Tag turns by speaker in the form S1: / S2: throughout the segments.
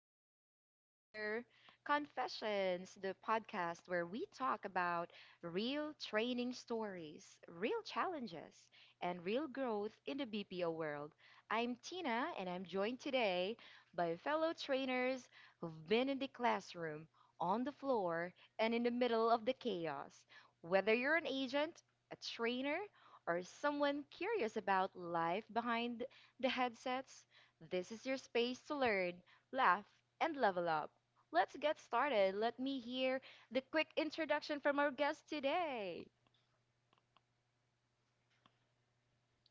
S1: to the Trainer Confessions, the podcast where we talk about real training stories, real challenges, and real growth in the BPO world. I'm Tina, and I'm joined today by fellow trainers who've been in the classroom, on the floor, and in the middle of the chaos. Whether you're an agent, a trainer, or someone curious about life behind the headsets, this is your space to learn, laugh, and level up. Let's get started. Let me hear the quick introduction from our guest today.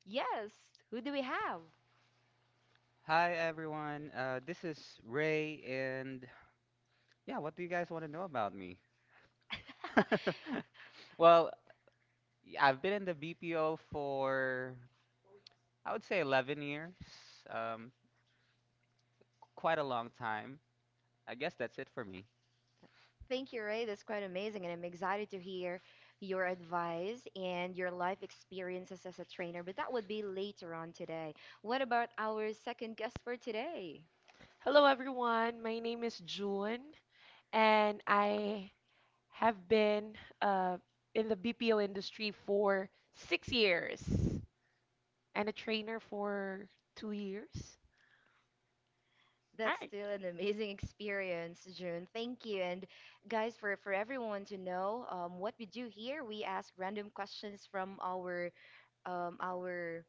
S1: Yes, who do we have?
S2: Hi everyone. This is Ray, and yeah, what do you guys want to know about me? Well, I've been in the BPO for I would say 11 years, um, quite a long time. I guess that's it for me.
S1: Thank you, Ray. That's quite amazing, and I'm excited to hear your advice and your life experiences as a trainer. But that would be later on today. What about our second guest for today?
S3: Hello, everyone. My name is June, and I have been uh, in the BPO industry for 6 years and a trainer for 2 years.
S1: That's
S3: Right.
S1: still an amazing experience, June. Thank you. And guys, for everyone to know, what we do here, we ask random questions from our our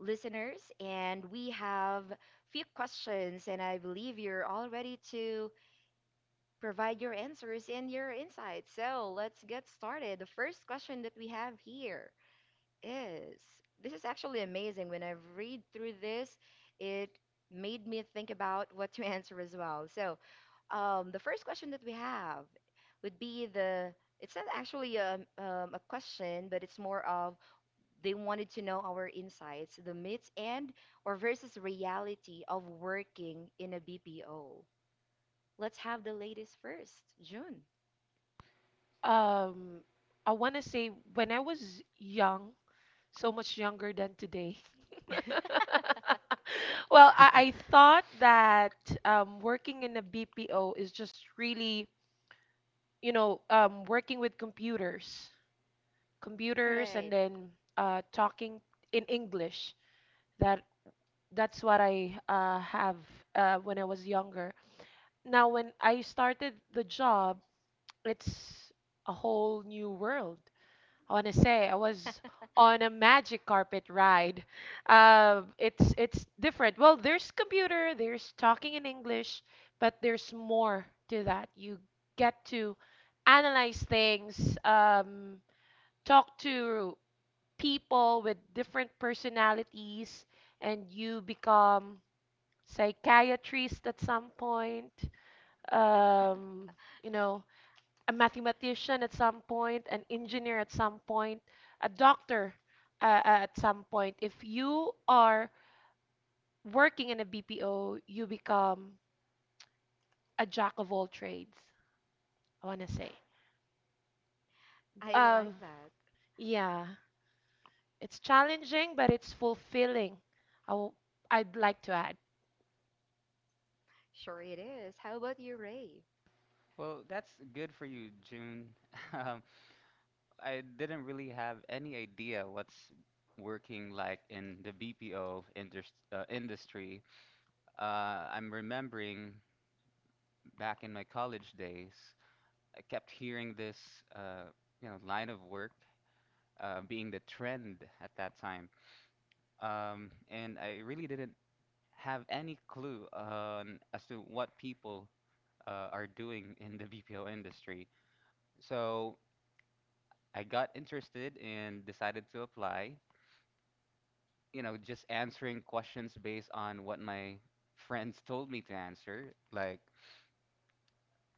S1: listeners, and we have few questions, and I believe you're all ready to provide your answers and your insights. So let's get started. The first question that we have here is, this is actually amazing. When I read through this, it made me think about what to answer as well. So the first question that we have would be the. It's not actually a question, but it's more of they wanted to know our insights, the myths and or versus reality of working in a BPO. Let's have the latest first, June.
S3: Um, I want to say when I was young, so much younger than today. well, I, I thought that working in a BPO is just really, working with computers
S1: Right.
S3: and then talking in English. That that's what I have when I was younger. Now, when I started the job, it's a whole new world. I want to say I was on a magic carpet ride. It's different. Well, there's computer, there's talking in English, but there's more to that. You get to analyze things, talk to people with different personalities, and you become psychiatrist at some point, um, you know a mathematician at some point, an engineer at some point, a doctor at some point. If you are working in a bpo, you become a jack of all trades, I want to say.
S1: I
S3: um,
S1: like that.
S3: yeah, it's challenging but it's fulfilling. i w- I'd like to add.
S1: Sure it is. How about you, Ray?
S2: Well, that's good for you, June. Um, I didn't really have any idea what's working like in the BPO industry. I'm remembering back in my college days. I kept hearing this, uh, line of work being the trend at that time, and I really didn't have any clue on as to what people are doing in the BPO industry. So I got interested and decided to apply. You know, just answering questions based on what my friends told me to answer, like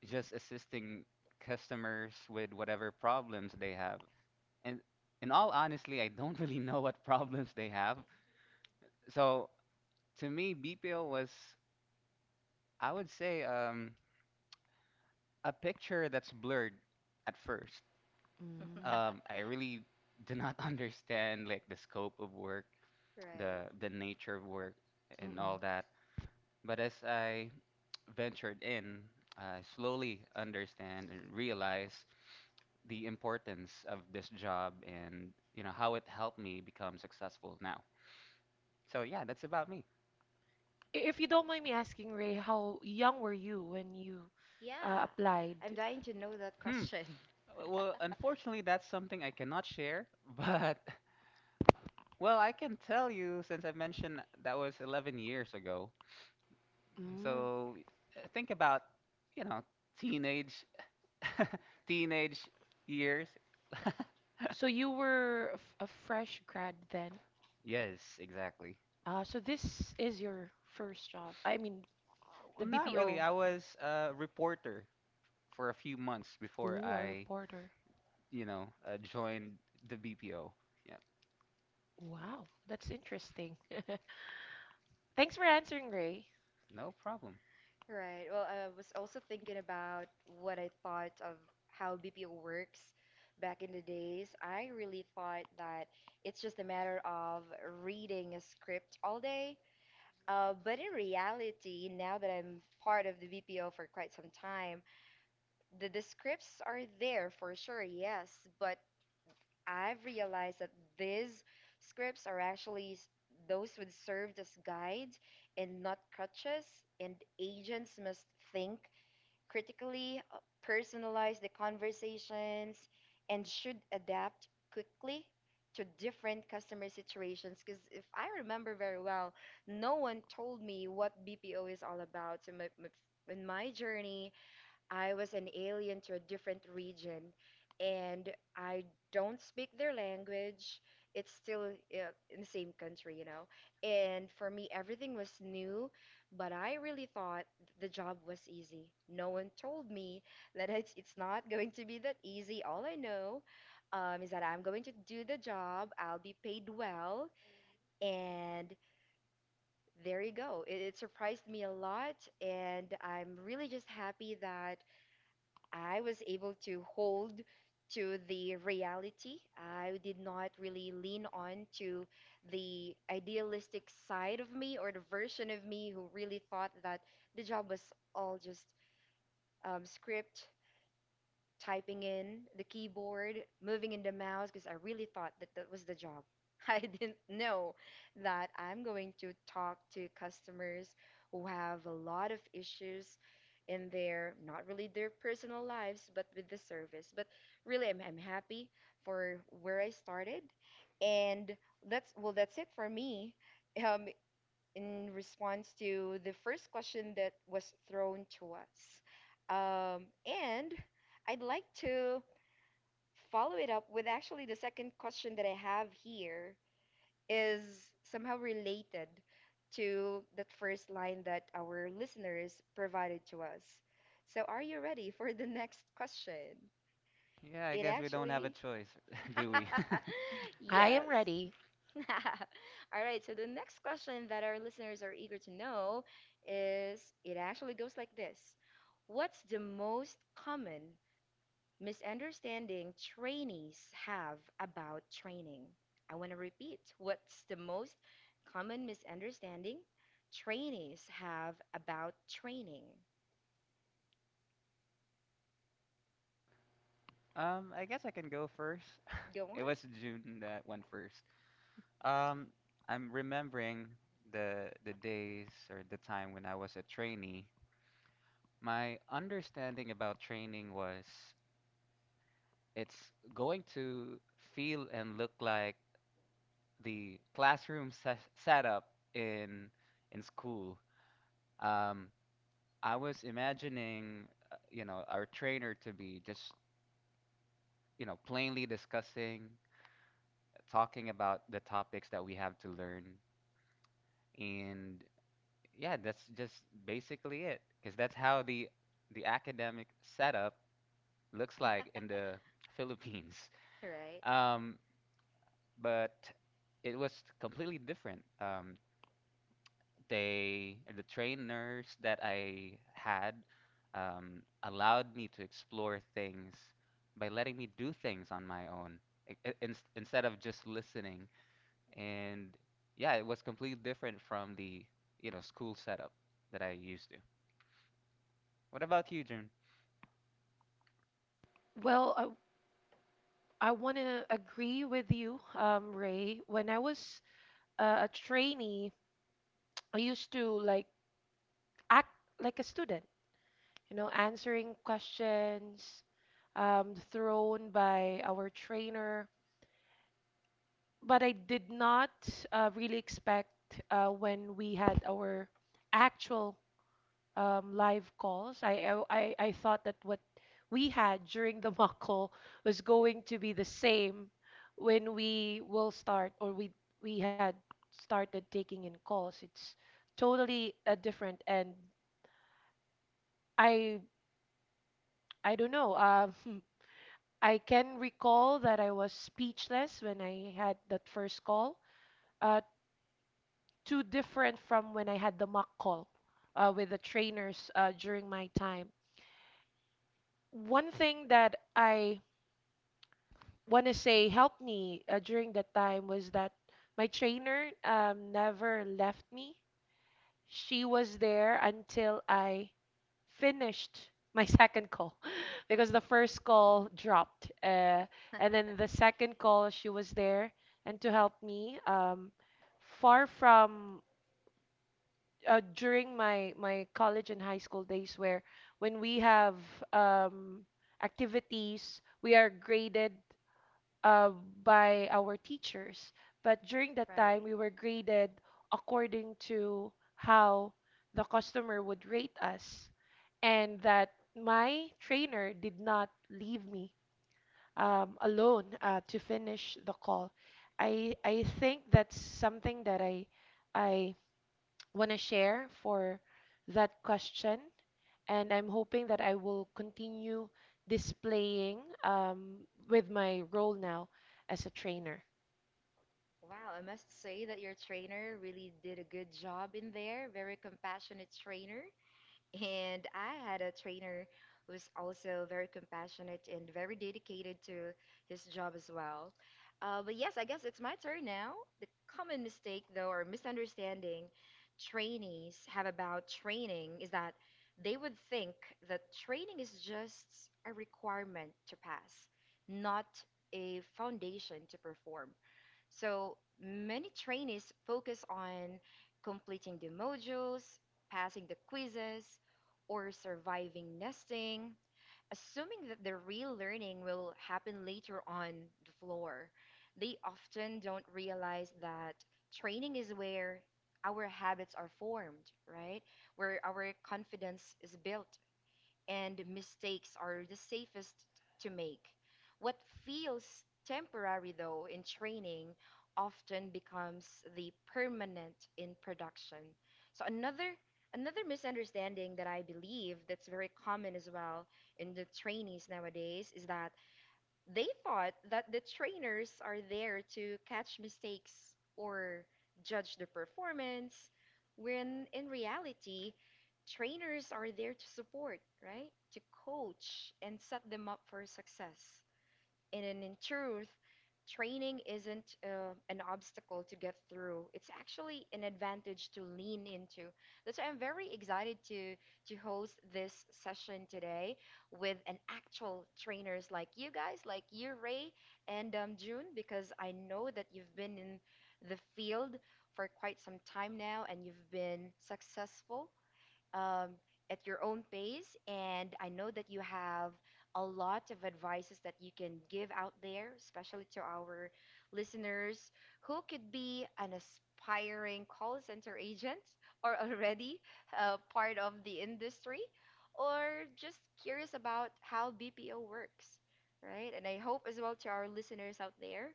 S2: just assisting customers with whatever problems they have. And in all honestly, I don't really know what problems they have. So to me, BPO was, I would say, a picture that's blurred at first.
S3: Mm,
S2: I really do not understand like the scope of work,
S1: Right.
S2: the nature of work, and
S3: mm-mm.
S2: all that. But as I ventured in, I slowly understand and realize the importance of this job and you know how it helped me become successful now. So yeah, that's about me.
S3: If you don't mind me asking, Ray, how young were you when you
S1: Yeah,
S3: applied?
S1: I'm dying to know that
S2: Hmm.
S1: question.
S2: Well, unfortunately, that's something I cannot share, but well, I can tell you since I mentioned that was 11 years ago.
S3: Mm.
S2: So think about, you know, teenage teenage years.
S3: So you were a fresh grad then.
S2: Yes, exactly.
S3: So this is your first job. I mean,
S2: Well,
S3: the
S2: not really.
S3: BPO.
S2: I was a reporter for a few months before
S3: Ooh, a reporter.
S2: you know, joined the BPO. Yeah,
S3: Wow, that's interesting. Thanks for answering, Ray.
S2: no problem.
S1: Right. Well, I was also thinking about what I thought of how BPO works back in the days. I really thought that it's just a matter of reading a script all day. But in reality, now that I'm part of the BPO for quite some time, the scripts are there for sure, yes. But I've realized that these scripts are actually those would serve as guides and not crutches, and agents must think critically, personalize the conversations, and should adapt quickly to different customer situations. Because if I remember very well, no one told me what BPO is all about. So in my journey, I was an alien to a different region and I don't speak their language. It's still in the same country, you know. And for me, everything was new, but I really thought the job was easy. No one told me that it's not going to be that easy. All I know is that I'm going to do the job, I'll be paid well, and there you go. It surprised me a lot, and I'm really just happy that I was able to hold to the reality. I did not really lean on to the idealistic side of me or the version of me who really thought that the job was all just script typing in the keyboard, moving in the mouse, because I really thought that that was the job. I didn't know that I'm going to talk to customers who have a lot of issues in their, not really their personal lives, but with the service. But really, I'm happy for where I started. And that's, well, that's it for me. Um, in response to the first question that was thrown to us. And I'd like to follow it up with actually the second question that I have here is somehow related to that first line that our listeners provided to us. So, are you ready for the next question?
S2: Yeah, I
S1: It
S2: guess we don't have a
S1: actually,
S2: choice, do we?
S3: I
S1: yes.
S3: am ready.
S1: All right, so the next question that our listeners are eager to know is it actually goes like this. What's the most common misunderstanding trainees have about training? I want to repeat, what's the most common misunderstanding trainees have about training?
S2: I guess I can go first.
S1: Go
S2: It
S1: on.
S2: was June that went first. Um, I'm remembering the days or the time when I was a trainee. My understanding about training was it's going to feel and look like the classroom setup in in school. Um, I was imagining, you know, our trainer to be just, you know, plainly discussing, talking about the topics that we have to learn and yeah, that's just basically it, because that's how the academic setup looks like in the Philippines.
S1: All right.
S2: Um, but it was completely different. The trainers that I had allowed me to explore things by letting me do things on my own instead of just listening. And yeah, it was completely different from the you know school setup that I used to. What about you, June?
S3: Well, I want to agree with you, Ray. When I was a trainee, I used to like act like a student, answering questions thrown by our trainer. But I did not really expect when we had our actual live calls. I thought that what we had during the mock call was going to be the same when we will start, or we had started taking in calls. It's totally different, and I I don't know. I can recall that I was speechless when I had that first call. Uh, Too different from when I had the mock call with the trainers during my time. One thing that I want to say helped me during that time was that my trainer never left me. She was there until I finished my second call because the first call dropped. And then the second call, she was there and to help me. Far from during my college and high school days, where when we have um, activities, we are graded uh, by our teachers. But during that time,
S1: Right.
S3: we were graded according to how the customer would rate us, and that my trainer did not leave me alone to finish the call. I think that's something that I want to share for that question, and I'm hoping that I will continue displaying with my role now as a trainer.
S1: Wow, I must say that your trainer really did a good job in there. Very compassionate trainer. And I had a trainer who's also very compassionate and very dedicated to his job as well. But yes, I guess it's my turn now. The common mistake, though, or misunderstanding trainees have about training is that they would think that training is just a requirement to pass, not a foundation to perform. So many trainees focus on completing the modules, passing the quizzes, or surviving nesting, assuming that the real learning will happen later on the floor. They often don't realize that training is where our habits are formed, right? Where our confidence is built, and mistakes are the safest to make. What feels temporary, though, in training often becomes the permanent in production. So another misunderstanding that I believe that's very common as well in the trainees nowadays is that they thought that the trainers are there to catch mistakes or judge the performance, when in reality, trainers are there to support, right? To coach and set them up for success. And in truth, training isn't an obstacle to get through. It's actually an advantage to lean into. That's why I'm very excited to host this session today with an actual trainers like you guys, like you, Ray, and June, because I know that you've been in the field for quite some time now, and you've been successful um, at your own pace. And I know that you have a lot of advices that you can give out there, especially to our listeners who could be an aspiring call center agent or already part of the industry or just curious about how BPO works, right? And I hope as well to our listeners out there.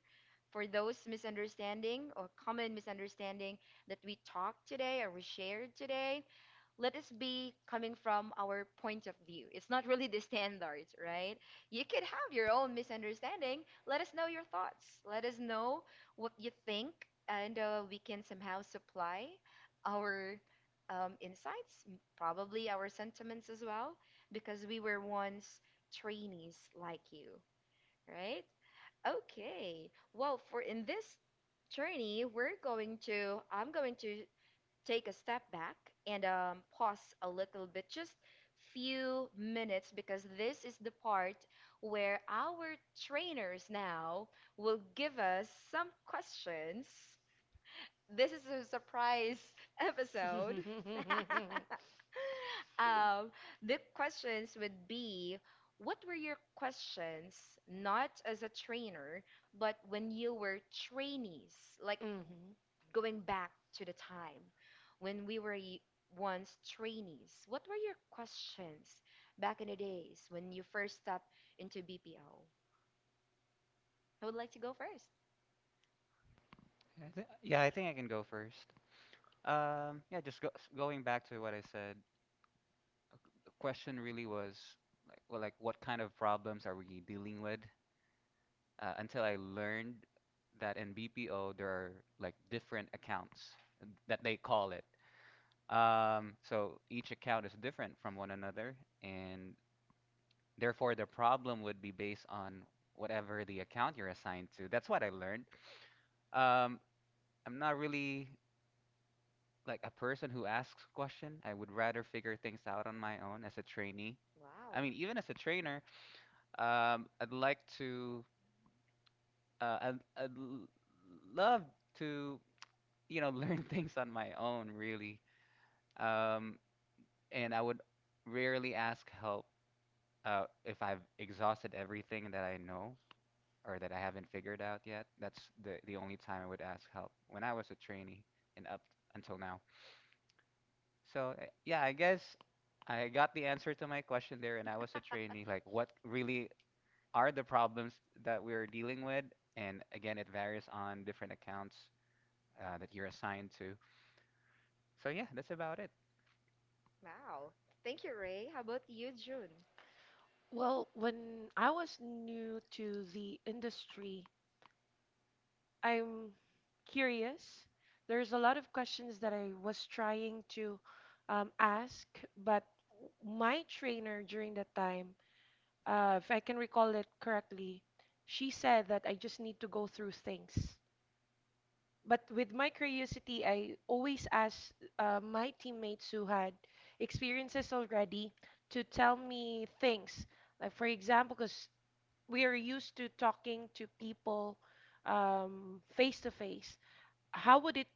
S1: For those misunderstanding or common misunderstanding that we talked today or we shared today, let us be coming from our point of view. It's not really the standards, right? You could have your own misunderstanding. Let us know your thoughts. Let us know what you think, and we can somehow supply our insights, probably our sentiments as well, because we were once trainees like you, right? Okay. Well, for in this journey, we're going to, I'm going to take a step back and pause a little bit, just few minutes, because this is the part where our trainers now will give us some questions. This is a surprise episode. um, the questions would be, what were your questions, not as a trainer, but when you were trainees? Like,
S3: Mhm.
S1: going back to the time when we were once trainees, what were your questions back in the days when you first stepped into BPO? I would like to go first.
S2: Yeah, I think I can go first. Yeah, going back to what I said, uh, the question really was like, well, like what kind of problems are we dealing with? Until I learned that in BPO there are like different accounts that they call it. So each account is different from one another, and therefore the problem would be based on whatever the account you're assigned to. That's what I learned. Um, I'm not really like a person who asks question. I would rather figure things out on my own as a trainee. I
S1: Wow.
S2: mean, even as a trainer, I'd like to, I'd l- love to, you know, learn things on my own, really. Um, and I would rarely ask help if I've exhausted everything that I know or that I haven't figured out yet. That's the only time I would ask help when I was a trainee and up until now. So yeah, I guess I got the answer to my question there, and I was a trainee. Like, what really are the problems that we're dealing with? And again, it varies on different accounts that you're assigned to. So yeah, that's about it.
S1: Wow. Thank you, Ray. How about you, June?
S3: Well, when I was new to the industry, I'm curious. There's a lot of questions that I was trying to ask, but my trainer during that time, if I can recall it correctly, she said that I just need to go through things. But with my curiosity, I always ask my teammates who had experiences already to tell me things. Like, for example, because we are used to talking to people face to face. How would it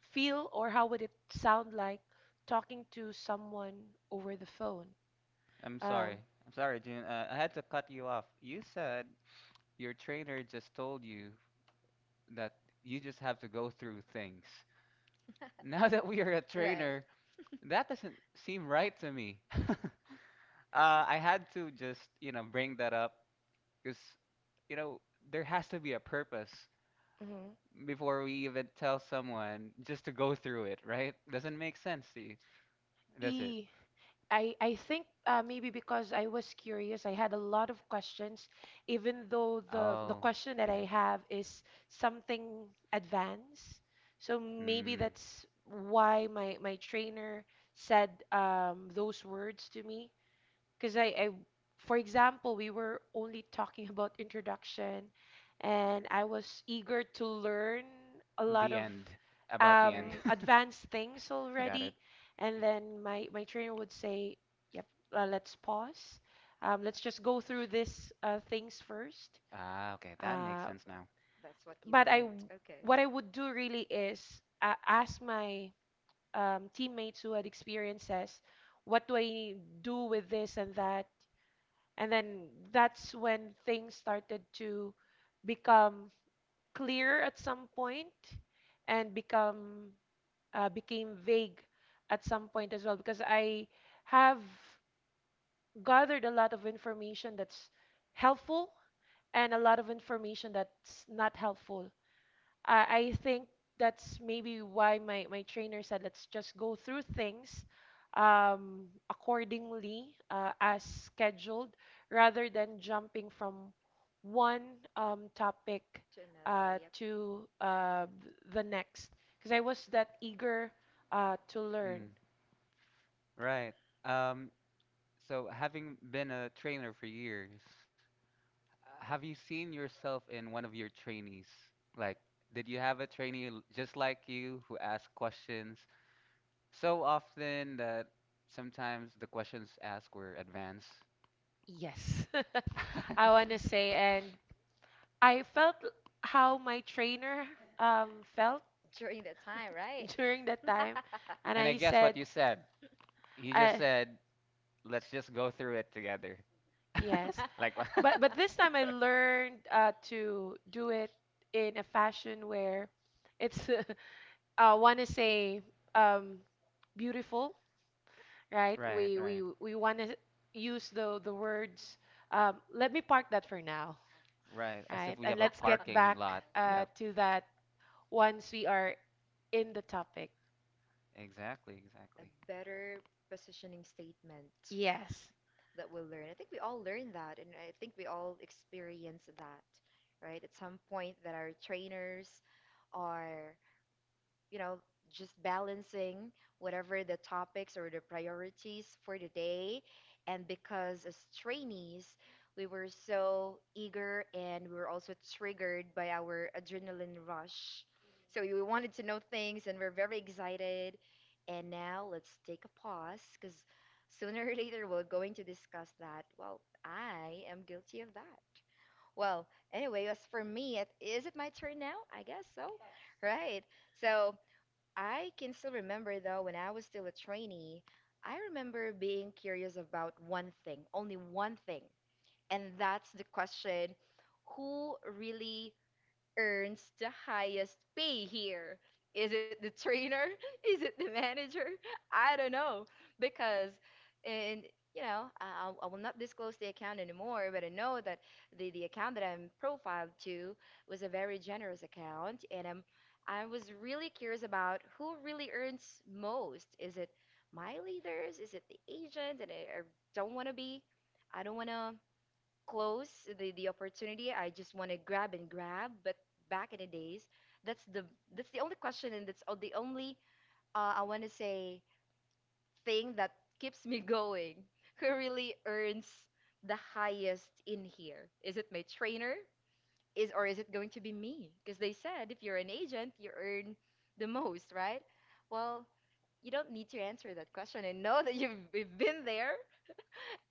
S3: feel or how would it sound like talking to someone over the phone?
S2: I'm sorry.
S3: Um,
S2: I'm sorry, June. I had to cut you off. You said your trainer just told you that you just have to go through things. Now that we are a
S1: Right.
S2: trainer, that doesn't seem right to me. I had to just, you know, bring that up because, you know, there has to be a purpose before we even tell someone just to go through it, right? Doesn't make sense to you, does it?
S3: mhm. I think maybe because I was curious, I had a lot of questions, even though the
S2: Oh,
S3: question that
S2: okay.
S3: I have is something advanced. So maybe
S2: Mm.
S3: that's why my trainer said those words to me because I, for example, we were only talking about introduction, and I was eager to learn a lot
S2: The
S3: of
S2: end. About the end.
S1: Right.
S3: advanced things
S2: Got it.
S3: already, and then my trainer would say yep, let's pause, let's just go through this things first."
S2: Ah, okay, that makes
S3: uh,
S2: sense now.
S1: That's what you
S3: but i
S1: meant.
S3: w-
S1: Okay.
S3: what I would do really is ask my teammates who had experiences what do I do with this and that, and then that's when things started to become clear at some point and become became vague at some point as well because I have gathered a lot of information that's helpful and a lot of information that's not helpful. I think that's maybe why my trainer said let's just go through things accordingly as scheduled rather than jumping from one topic
S1: To another,
S3: uh,
S1: yep.
S3: to uh, th- the next. Because I was that eager to learn.
S2: Mm, right. Um, so having been a trainer for years, have you seen yourself in one of your trainees? Like, did you have a trainee just like you who asked questions so often that sometimes the questions asked were advanced?
S3: Yes, I want to say, and I felt how my trainer um, felt
S1: During that time, right?
S3: during that time. And
S2: And I
S3: I
S2: guess
S3: said,
S2: what you said, you just
S3: I,
S2: said, let's just go through it together.
S3: Yes.
S1: Yes.
S2: Like,
S3: But this time I learned to do it in a fashion where it's want to say um beautiful, right?
S2: right,
S3: We we
S2: right,
S3: we want to use the words, let me park that for now,
S2: right. As if
S3: right?
S1: Right,
S2: we
S1: it
S3: And
S2: have a
S3: let's get
S1: happened.
S2: parking
S3: back
S2: lot. Yep,
S3: to that once we are in the topic.
S2: exactly,
S1: A
S2: exactly.
S1: better positioning statement
S3: Yes.
S1: that we'll learn. I think we all learn that, and I think we all experience that, right? At some point, that our trainers are, you know, just balancing whatever the topics or the priorities for the day. And because as trainees, we were so eager and we were also triggered by our adrenaline rush. So we wanted to know things and we're very excited. And now let's take a pause because sooner or later we're going to discuss that. Well, I am guilty of that. Well, anyway, as for me, it, is it my turn now? I guess so. Right. So, I can still remember though when I was still a trainee, I remember being curious about one thing, only one thing, and that's the question, who really earns the highest pay here? Is it the trainer? Is it the manager? I don't know. Because, and you know, I will not disclose the account anymore, but I know that the account that I'm profiled to was a very generous account. And I'm, I was really curious about who really earns most. Is it my leaders? Is it the agent? And I don't want to be, I don't want to close the opportunity. I just want to grab and grab. But back in the days, that's the that's the only question and that's the only I want to say thing that keeps me going. Who really earns the highest in here? Is it my trainer? Is or is it going to be me? Because they said if you're an agent, you earn the most, right? Well, you don't need to answer that question and know that you've been there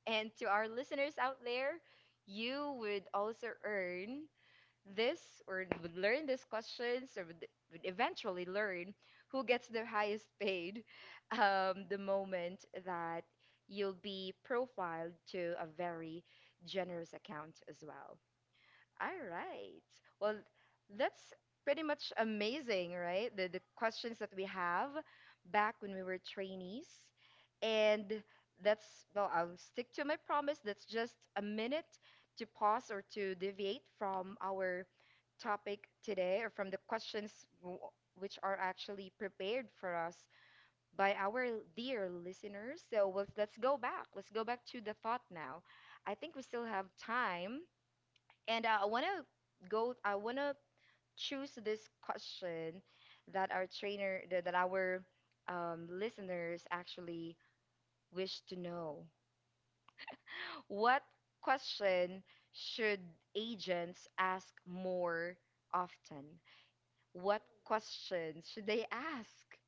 S1: and to our listeners out there, you would also earn this or would learn these questions or would eventually learn who gets the highest paid the moment that you'll be profiled to a very generous account as well. All right. Well, that's pretty much amazing, right? The questions that we have back when we were trainees. And that's, well, I'll stick to my promise. That's just a minute to pause or to deviate from our topic today or from the questions w- which are actually prepared for us by our dear listeners. So let's go back. Let's go back to the thought now. I think we still have time and I want to go, I want to choose this question that our trainer, that our listeners actually wish to know. What question should agents ask more often? What questions should they ask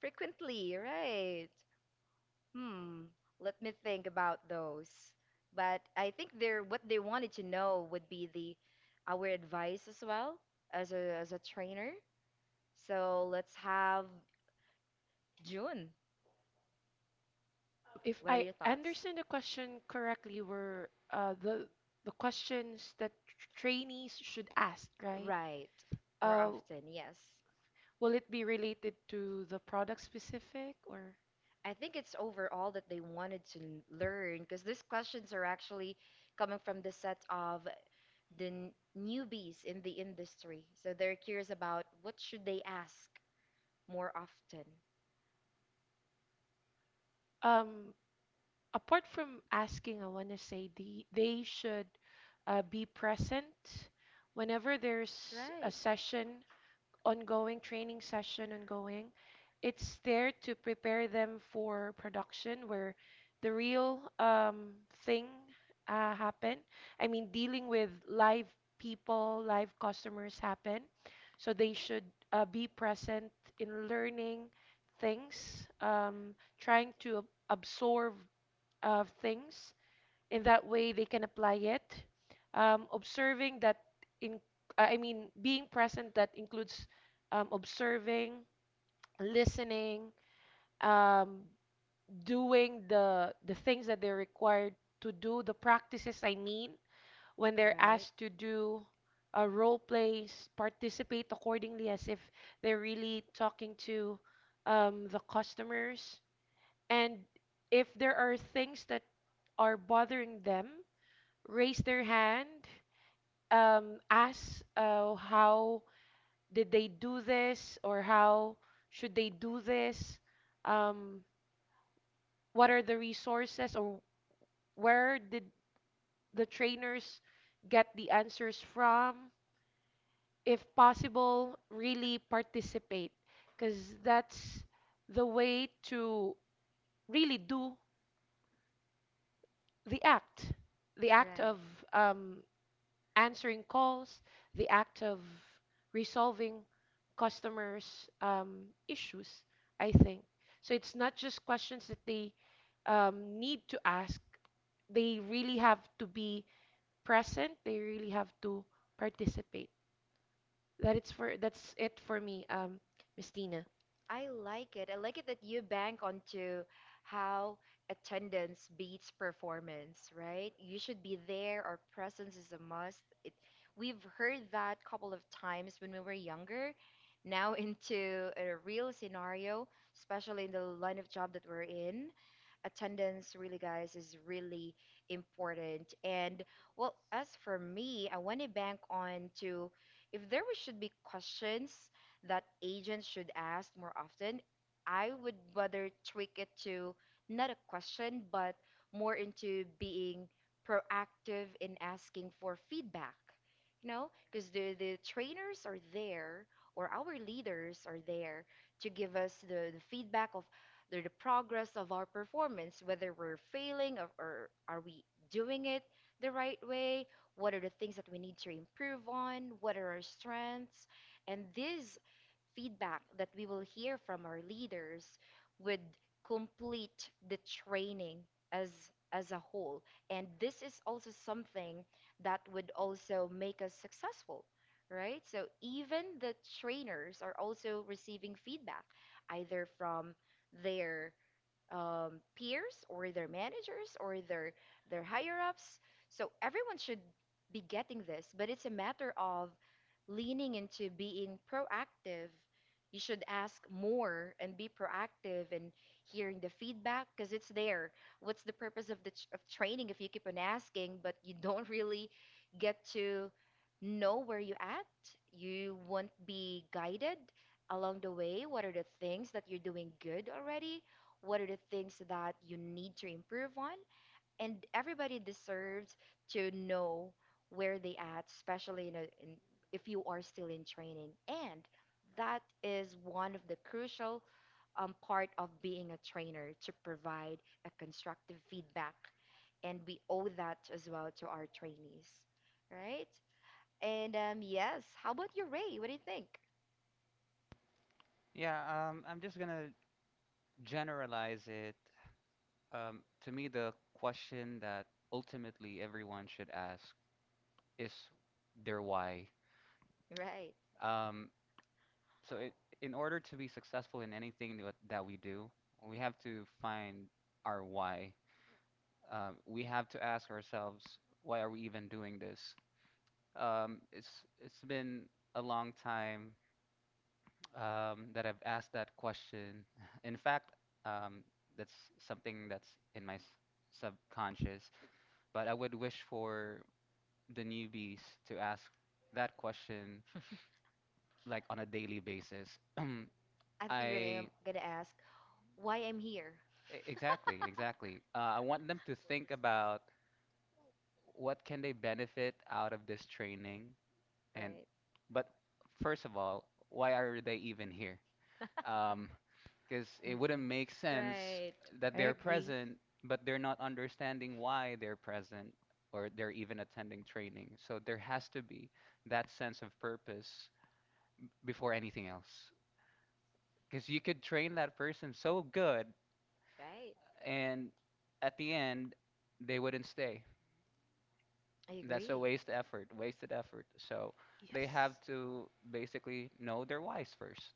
S1: frequently, right? Hmm, let me think about those. But I think they're what they wanted to know would be the our advice as well as a trainer. So let's have June.
S3: If
S1: What are
S3: I
S1: your thoughts?
S3: understand the question correctly, were the questions that trainees should ask, right?
S1: Right. More
S3: Uh,
S1: often, yes.
S3: will it be related to the product specific? Or
S1: I think it's overall that they wanted to learn because these questions are actually coming from the set of the newbies in the industry. So they're curious about what should they ask more often.
S3: um, apart from asking, I want to say they should be present whenever there's a
S1: Right.
S3: session ongoing, training session ongoing. It's there to prepare them for production where the real thing happen. I mean, dealing with live people, live customers happen. So they should be present in learning things, trying to absorb things, in that way they can apply it, observing that in, I mean being present that includes observing, listening, um, doing the things that they're required to do, the practices, I mean when they're asked to do role plays, participate accordingly as if they're really talking to the customers. And if there are things that are bothering them, raise their hand, ask how did they do this or how should they do this? Um, what are the resources, or where did the trainers get the answers from? If possible, really participate, because that's the way to really do the act, the act
S1: Right.
S3: of um, answering calls, the act of resolving customers' issues, I think. So it's not just questions that they need to ask, they really have to be present, they really have to participate. That's it for me, Miss Tina.
S1: I like it. I like it that you bank onto how attendance beats performance, right? You should be there, or presence is a must. It, we've heard that couple of times when we were younger. Now into a real scenario, especially in the line of job that we're in, attendance really, guys, is really important. And well, as for me, I want to bank on to if there should be questions that agents should ask more often, I would rather tweak it to not a question, but more into being proactive in asking for feedback. You know, because the trainers are there, or our leaders are there to give us the feedback of the progress of our performance, whether we're failing or are we doing it the right way, what are the things that we need to improve on, what are our strengths. And these feedback that we will hear from our leaders would complete the training as as a whole, and this is also something that would also make us successful, right? So even the trainers are also receiving feedback either from their peers or their managers or their higher ups. So everyone should be getting this, but it's a matter of leaning into being proactive. You should ask more and be proactive and hearing the feedback because it's there. What's the purpose of the of training if you keep on asking but you don't really get to know where you at? You won't be guided along the way. What are the things that you're doing good already? What are the things that you need to improve on, and everybody deserves to know where they at, especially in, a, in if you are still in training, and that is one of the crucial part of being a trainer to provide a constructive feedback, and we owe that as well to our trainees, right? And yes, how about you, Ray? What do you think?
S2: Yeah, I'm just gonna generalize it. To me, the question that ultimately everyone should ask is their why.
S1: Right.
S2: Um, so, I In order to be successful in anything that we do, we have to find our why. We have to ask ourselves, why are we even doing this? It's been a long time that I've asked that question. In fact, um, that's something that's in my subconscious, but I would wish for the newbies to ask that question like on a daily basis.
S1: I thought
S2: I
S1: you were gonna,
S2: e-
S1: gonna ask why I'm here.
S2: exactly, exactly. I want them to think about what can they benefit out of this training, and
S1: Right.
S2: but first of all, why are they even here? Um, because it
S3: Mm-mm.
S2: wouldn't make sense
S1: Right.
S2: that
S3: I
S2: they're
S3: agree.
S2: present, but they're not understanding why they're present or they're even attending training. So there has to be that sense of purpose before anything else. Because you could train that person so good,
S1: Right.
S2: and at the end, they wouldn't stay.
S1: I
S2: That's a
S1: agree.
S2: waste effort, wasted effort. So
S3: Yes.
S2: they have to basically know their whys first.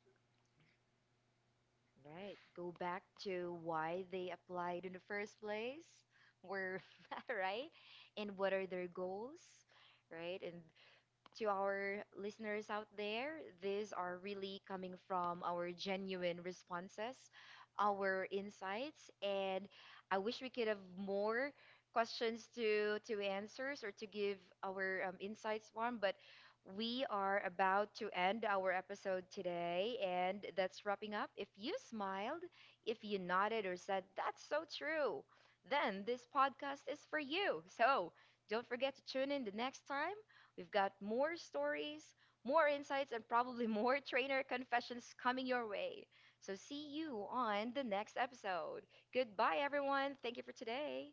S1: Right. Go back to why they applied in the first place. Where, right? And what are their goals? Right? And to our listeners out there. These are really coming from our genuine responses, our insights, and I wish we could have more questions to answers or to give our insights from, but we are about to end our episode today, and that's wrapping up. If you smiled, if you nodded or said, That's so true, then this podcast is for you. So don't forget to tune in the next time. We've got more stories, more insights, and probably more trainer confessions coming your way. So see you on the next episode. Goodbye, everyone. Thank you for today.